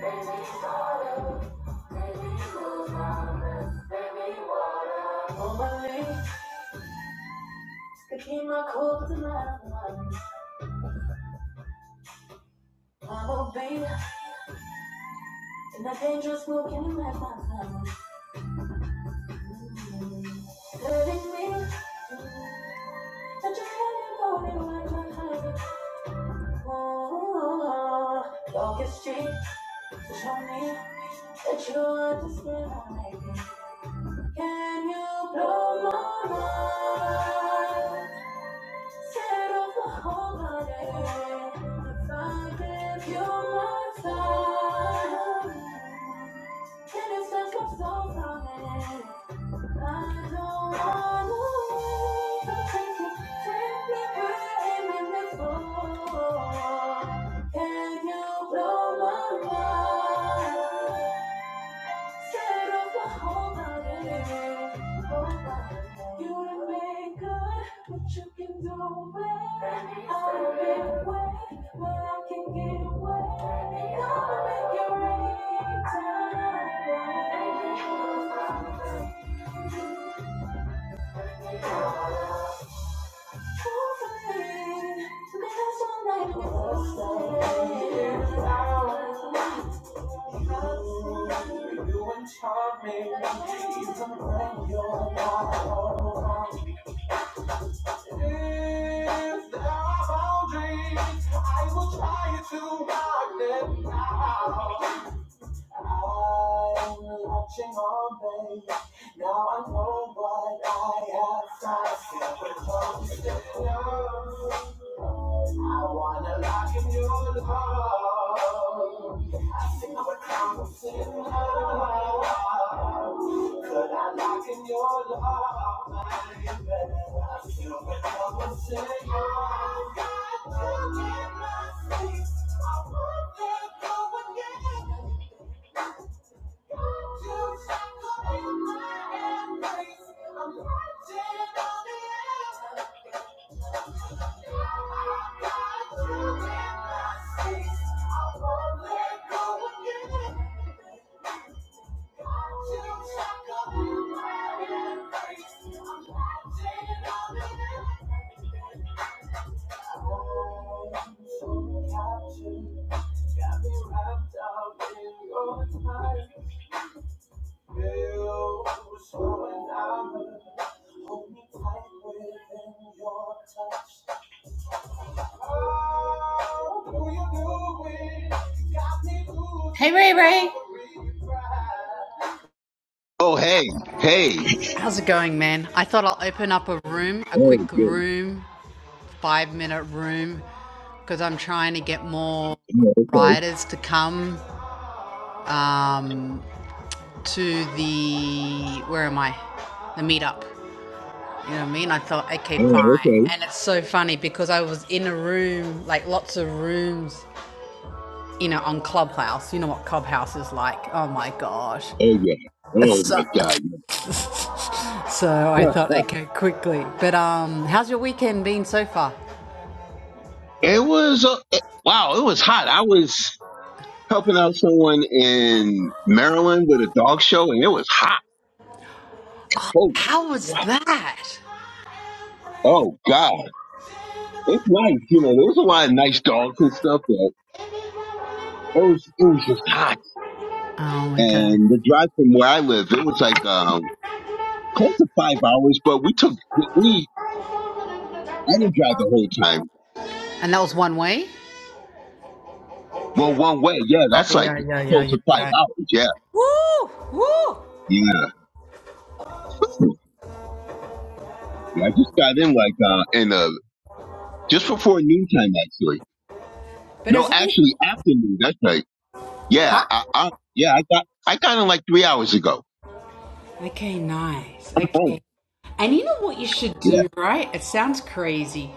Could keep my cool with the mad one. I'm a babe, and that dangerous move can you match my fun? Hurting me, that you can't hold it like my honey. Ooh, longest street to show me that you understand my baby. Can you blow my mind? Can you blow my mind? Scared of the whole body. Whole You done been good, but you can do it. I've been wet, but I can get wet. Gonna make you rain tonight. you're If there are boundaries, I will try to rock them now. I'm watching on, babe. Now I know what I have to say. I wanna lock in your love. I see what comes in love. Could I lock in your love, baby? I see what a sinner. love. Got you in my sleep. I won't let go again. Got me wrapped up in your time. Oh, Hey, Ray Ray. Oh, hey, hey. How's it going, man? I thought I'll open up a room, a Oh, quick good. room, five minute room, because I'm trying to get more Oh, okay. riders to come um, to the, where am I? The meetup. You know what I mean? I thought, okay, Oh, fine. okay. And it's so funny because I was in a room, like lots of rooms, you know, on Clubhouse. You know what Clubhouse is like? Oh my gosh. Oh, yeah. Oh, So, my God. Yeah. so I Huh. thought, okay, quickly. But um, how's your weekend been so far? It was, uh, it- wow, it was hot. I was helping out someone in Maryland with a dog show, and it was hot. Holy How was crap. that? Oh, God. It's nice. You know, there was a lot of nice dogs and stuff, but it was, it was just hot. Oh my god. And the drive from where I live, it was like, um, close to five hours, but we took, we, I didn't drive the whole time And that was one way? Well, one way, yeah, Oh that's like yeah, yeah, yeah, close yeah, to five yeah. hours. Yeah, yeah. yeah I just got in like uh in uh just before noontime actually. But No, it's always actually afternoon. That's right. Huh? Yeah, I, I yeah I got I got in like three hours ago. Okay, nice. Oh, Okay. And you know what you should yeah. do, right? It sounds crazy.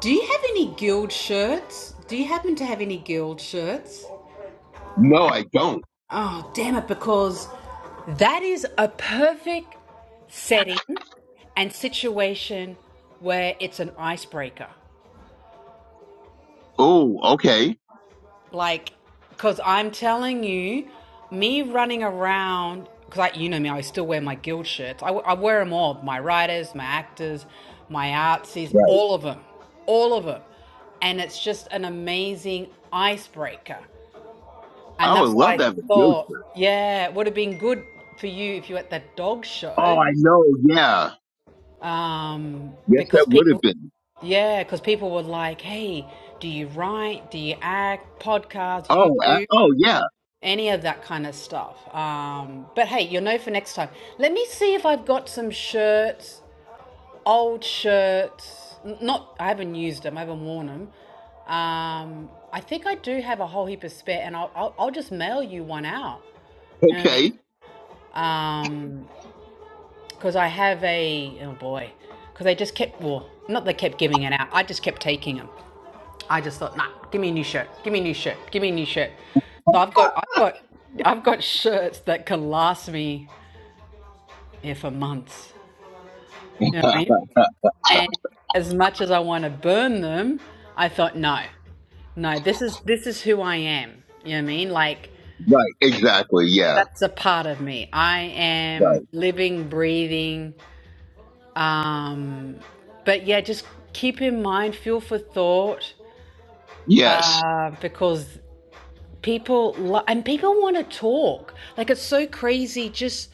Do you have any guild shirts? Do you happen to have any guild shirts? No, I don't. Oh, damn it, because that is a perfect setting and situation where it's an icebreaker. Oh, okay. Like, because I'm telling you, me running around, because like, you know me, I still wear my guild shirts. I, I wear them all my writers, my actors, my artsies, Right. all of them, all of them. And it's just an amazing icebreaker. And I would that's what love I to have a ghost thought. shirt. Yeah, it would have been good for you if you were at that dog Oh, show I know. Yeah. um, Yes, that because would have people, been. yeah, because people were like, "Hey, do you write? Do you act? Podcast, Oh, I, YouTube?" oh yeah. any of that kind of stuff. Um, but hey, you'll know for next time. Let me see if I've got some shirts, old shirts. Not, I haven't used them. I haven't worn them. Um, I think I do have a whole heap of spare, and I'll I'll, I'll just mail you one out. You know what Okay. I mean? Because I have a oh boy, because they just kept well, not they kept giving it out. I just kept taking them. I just thought, nah, give me a new shirt. Give me a new shirt. Give me a new shirt. So I've got I've got I've got shirts that can last me yeah, for months. You know what I mean? And as much as I want to burn them, I thought, no, no, this is this is who I am. You know what I mean? Like Right. Exactly. Yeah. that's a part of me. I Right. am living, breathing. Um, but yeah, just keep in mind, fuel for thought, Yes. uh, because People lo- and people want to talk. Like it's so crazy. Just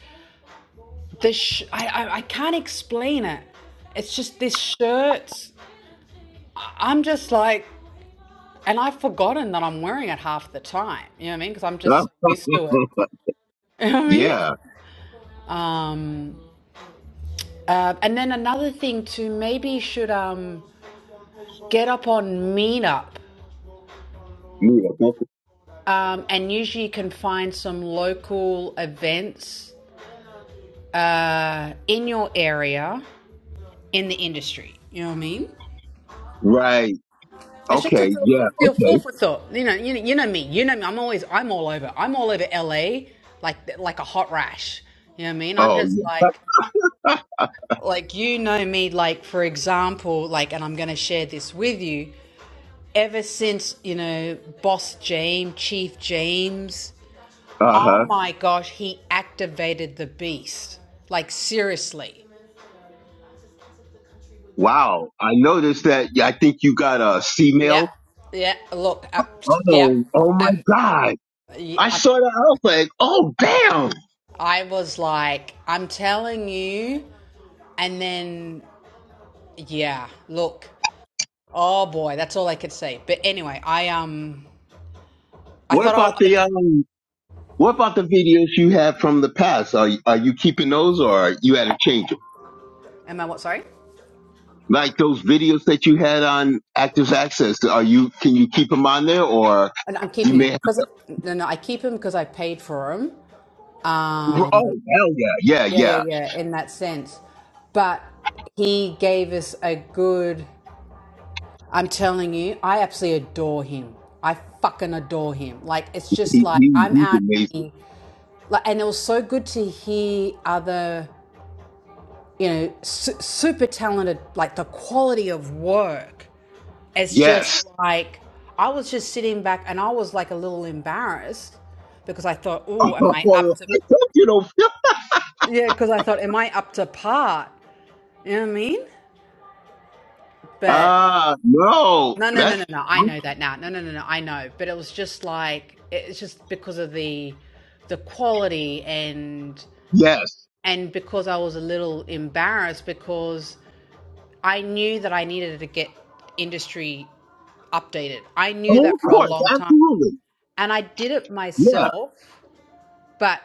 this. sh- I, I I can't explain it. It's just this shirt. I'm just like, and I've forgotten that I'm wearing it half the time. You know what I mean? Because I'm just Oh, so used to it. You know what I mean? yeah. Um, uh, and then another thing too, maybe you should um, get up on Meetup, Yeah. Okay. um, and usually you can find some local events uh, in your area in the industry. You know what I mean? Right. It's just to Okay, feel, yeah, feel full okay. for thought. You know, you know, you know me. You know me. I'm always, I'm all over. I'm all over LA, like like a hot rash. You know what I mean? I'm Oh, just yeah. like, like you know me. Like for example, like, and I'm going to share this with you. Ever since you know, Boss James, Chief James, oh Uh-huh. my gosh, he activated the beast. Like seriously. Wow. I noticed that yeah, I think you got a C Yeah. mail. Yeah. Look. Uh, yep. Oh, oh my Um, God. y- I uh, saw that. I was like, oh, damn. I was like, I'm telling you. And then, yeah, look. Oh boy, that's all I could see. But anyway, I um, I What thought about I'll the, open. um, what about the videos you have from the past? Are, are you keeping those or you had to change them? Am I what? Sorry. Like those videos that you had on Actors Access, are you, can you keep them on there or And I'm you keeping them may have, because no, no, I keep them because I paid for them. oh, Um, hell yeah. Yeah, yeah, yeah, yeah. yeah. In that sense, but he gave us a good. I'm telling you, I absolutely adore him. I fucking adore him. Like it's just He, like he, I'm he's out amazing. here like and it was so good to hear other you know su- super talented like the quality of work it's just Yes. like i was just sitting back and i was like a little embarrassed because i thought I oh am i up told to you don't. yeah because i thought am i up to par you know what i mean but Ah no, no no no that's no no i know that now no no no no i know but it was just like it's just because of the the quality and yes. and because i was a little embarrassed because I knew that I needed to get industry updated. I Oh, knew that of for a course, long time. absolutely. And I did it Yeah, myself, but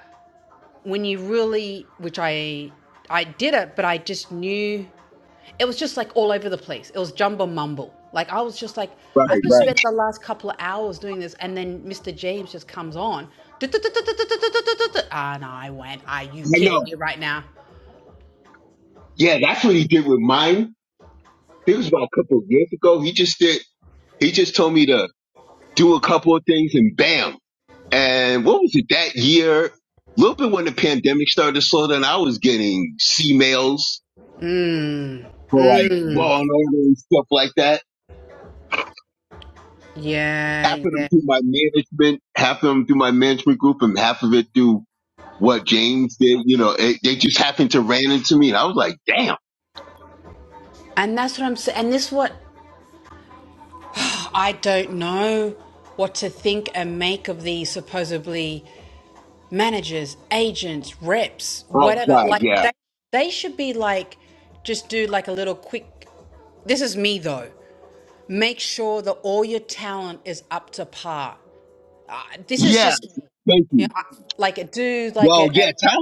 when you really which I I did it, but I just knew it was just like all over the place. It was jumble mumble. Like I was just like, right, I've just right. spent the last couple of hours doing this, and then Mr. James just comes on. And I went, Are you I kidding know. me right now? Yeah, that's what he did with mine. It was about a couple of years ago. He just did. He just told me to do a couple of things, and bam. And what was it that year? A little bit when the pandemic started to slow down, I was getting C mails Mmm. for like law and order and stuff like that. Half of Yeah, them yeah. through my management, half of them through my management group, and half of it through what games did, you know, it, they just happened to ran into me and I was like, damn. And that's what I'm saying. And this is what I don't know what to think and make of these supposedly managers, agents, reps, Oh whatever. God, Like yeah. they they should be like just do like a little quick this is me though. Make sure that all your talent is up to par. Uh, this is Yeah, just thank you know, you. I- like a do like Well, a, a yeah, Tom,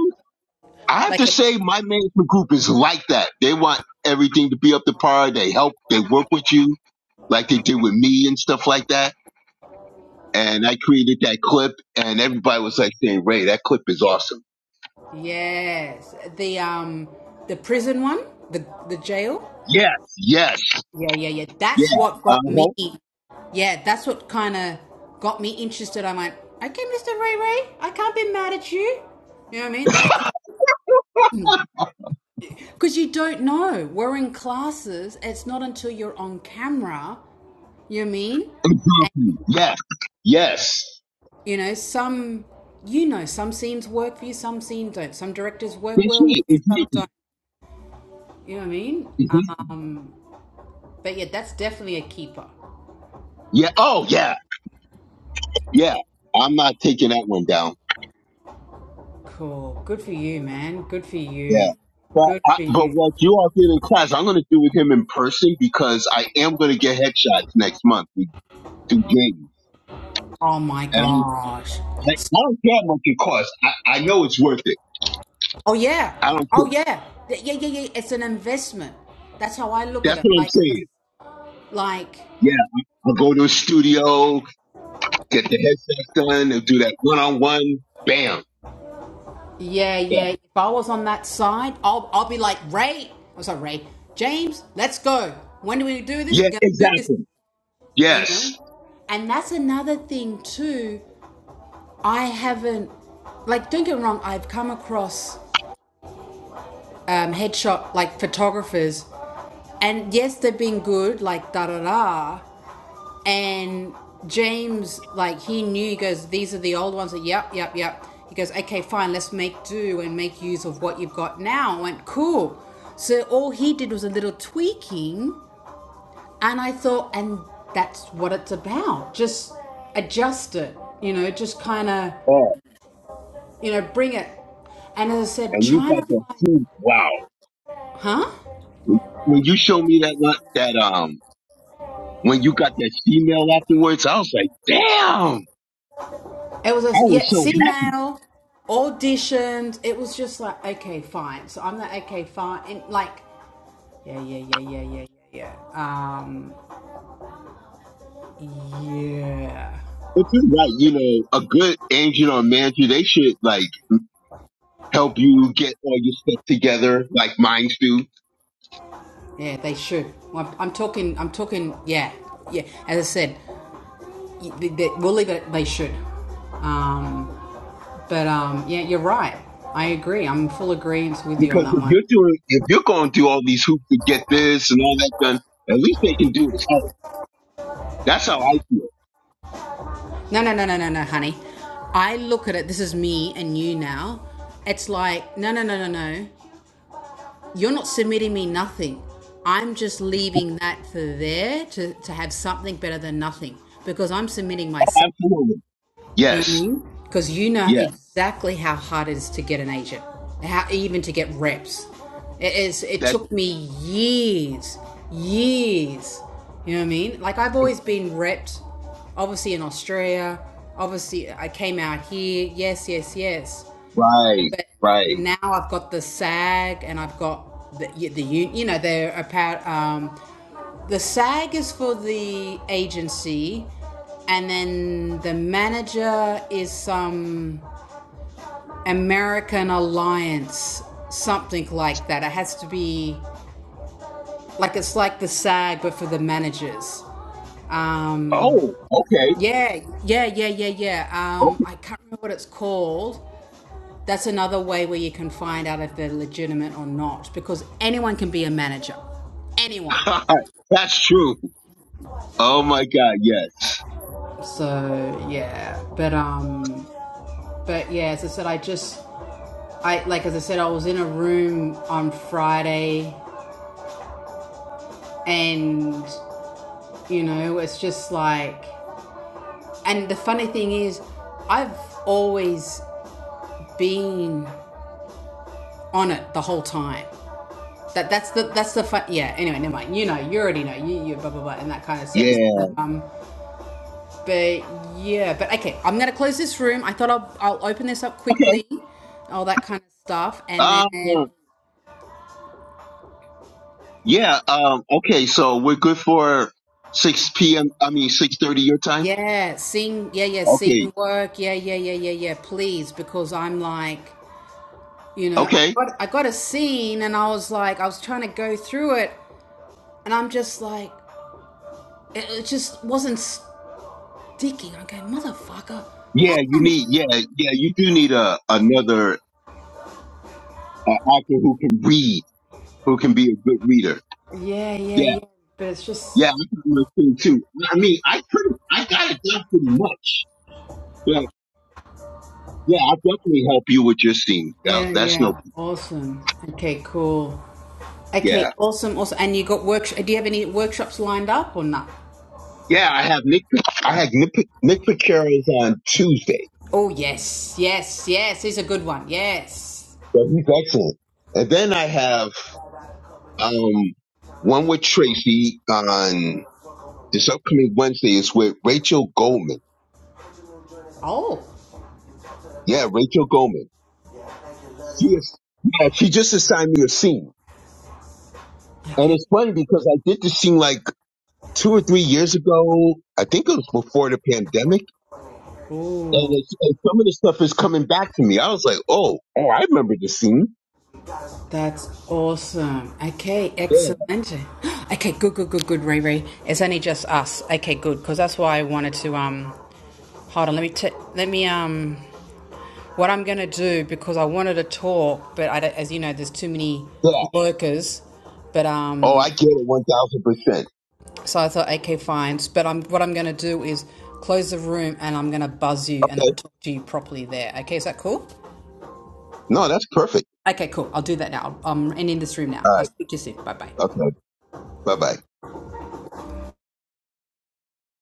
I have like to a say my management group is like that. They want everything to be up to par. They help, they work with you like they did with me and stuff like that. And I created that clip and everybody was like saying, Ray, that clip is awesome. yes the um the prison one the the jail Yes, yes, Yeah, yeah, yeah. yeah. That's what got me. Uh-huh. Yeah, that's what kind of got me interested. I'm like, okay, Mr. Ray Ray, I can't be mad at you. You know what I mean? That's kind of because you don't know. We're in classes. It's not until you're on camera. You know what I mean? Exactly. Yes, yes. You know, some, you know, some scenes work for you, some scenes don't. Some directors work That's well with it. you, some Exactly. don't. You know what I mean? Exactly. Um, but yeah, that's definitely a keeper. Yeah. Oh, yeah. Yeah, I'm not taking that one down. Cool. Good for you, man. Good for Yeah. you. But Good I, for but you. what you all did in class, I'm going to do with him in person because I am going to get headshots next month. We do James, Oh my and I'm gosh. I, I don't care how much it costs. I, I know it's worth it. Oh yeah. I don't care. Oh yeah. Th- Yeah, yeah, yeah. It's an investment. That's how I look at That's it. what I'm Like, it's- saying. like, Yeah, I'll go to a studio, get the headshots done, and do that one on one. Bam. yeah, Yeah. yeah. If I was on that side, I'll, I'll be like Ray. I'm sorry, Ray. James, let's go. When do we do this? Yeah. We're gonna do this. Exactly. You Yes. know. And that's another thing too. I haven't, like, don't get me wrong. I've come across um, headshot like photographers and yes, they've been good, like da da da. and James, like he knew, he goes, these are the old ones. Like, yep, yep, yep. He goes, okay, fine, let's make do and make use of what you've got now. I went, cool. So all he did was a little tweaking, and I thought, and that's what it's about. Just adjust it, you know, just kind of, Oh, you know, bring it. And as I said, and you trying got to the find, food. Wow. huh? When you show me that one, that um. When you got that female afterwards, I was like, damn, It was I a, was yeah, so C happy. mail, auditioned. It was just like, okay, fine. So I'm like, okay, fine. And like, Yeah, yeah, yeah, yeah, yeah, yeah, yeah. Um, yeah, But you're right, you know, a good agent or manager, they should like help you get all your stuff together, like mine do. yeah, they should. Well, I'm talking, I'm talking, yeah, yeah. As I said, y- they, they, we'll leave it. at They should. Um, but um, yeah, you're right. I agree. I'm in full agreement with you on Because that if one. you're doing, if you're going through all these hoops to get this and all that done, at least they can do it. Oh, that's how I feel. No, no, no, no, no, no, honey. I look at it. This is me and you now. It's like no, no, no, no, no. you're not submitting me nothing. I'm just leaving that for there to, to have something better than nothing because I'm submitting myself. Absolutely. You know what I Yes. mean? Because you know Yeah. exactly how hard it is to get an agent, how even to get reps. It, is, it That's took me years, years. You know what I mean? Like I've true. always been repped, obviously in Australia. Obviously, I came out here. Yes, yes, yes right. but Right. now I've got the SAG and I've got the the un- you know they're about um, the SAG is for the agency, and then the manager is some American alliance something like that. It has to be like it's like the SAG but for the managers. Um, Oh, okay. yeah, yeah, yeah, yeah, yeah. Um, I can't remember what it's called That's another way where you can find out if they're legitimate or not because anyone can be a manager. Anyone. Okay. That's true. Oh my God. Yes. So, yeah. But um but yeah, as I said I just I like as I said I was in a room on Friday and you know, it's just like and the funny thing is I've always been on it the whole time. That that's the that's the fun. Yeah. Anyway, never mind. You know, you already know. You you blah blah blah in that kind of sense. Yeah. But um, But yeah, but okay, I'm gonna close this room. I thought I'll I'll open this up Okay. quickly, all that kind of stuff, and Um, then yeah. Um, okay. So we're good for 6 p.m. I mean, 6:30 your time. yeah, seeing yeah yeah Okay. seeing work yeah yeah yeah yeah yeah please because I'm like you know I Okay. got I got a scene and I was like I was trying to go through it and I'm just like it, it just wasn't sticking. I go motherfucker, why Yeah. You can't need, yeah, yeah. You do need a, another uh, author who can read, who can be a good reader. yeah yeah Yeah. yeah but it's just Yeah. I can do a thing too. I mean, I pretty, I got it done pretty much. But yeah, I'll definitely help you with your scene. Yeah, yeah that's no, yeah awesome okay cool Okay, yeah. awesome, awesome. And you got work? Do you have any workshops lined up or not? Yeah. I have Nick, I had Nick, Nick Picaro's on Tuesday. Oh yes, yes, yes. Here's a good one. Yes. So he's excellent. And then I have, Um, one with Tracy on this upcoming Wednesday is with Rachel Goldman. Oh. Yeah, Rachel Goldman. She is, yeah, she just assigned me a scene. And Okay. it's funny because I did this scene like two or three years ago. I think it was before the pandemic. And, Oh, it's, and some of the stuff is coming back to me. I was like, oh, oh, I remember this scene. that's awesome. Okay, Yeah, excellent. Okay, good, good, good, good, Ray Ray. It's only just us. Okay, good, because that's why I wanted to um Hold on, let me t- let me um, what I'm gonna do because I wanted to talk, but I don't- as you know, there's too many yeah. lurkers. But Oh, um, I get it 1000%. So I thought, okay, fine. But I'm what I'm going to do is close the room and I'm going to buzz you and I'll Okay. talk to you properly there. Okay, is that cool? No, that's perfect. Okay, cool. I'll do that now. I'm ending this room now. All I'll right. speak to you soon. Bye bye. Okay. Bye bye.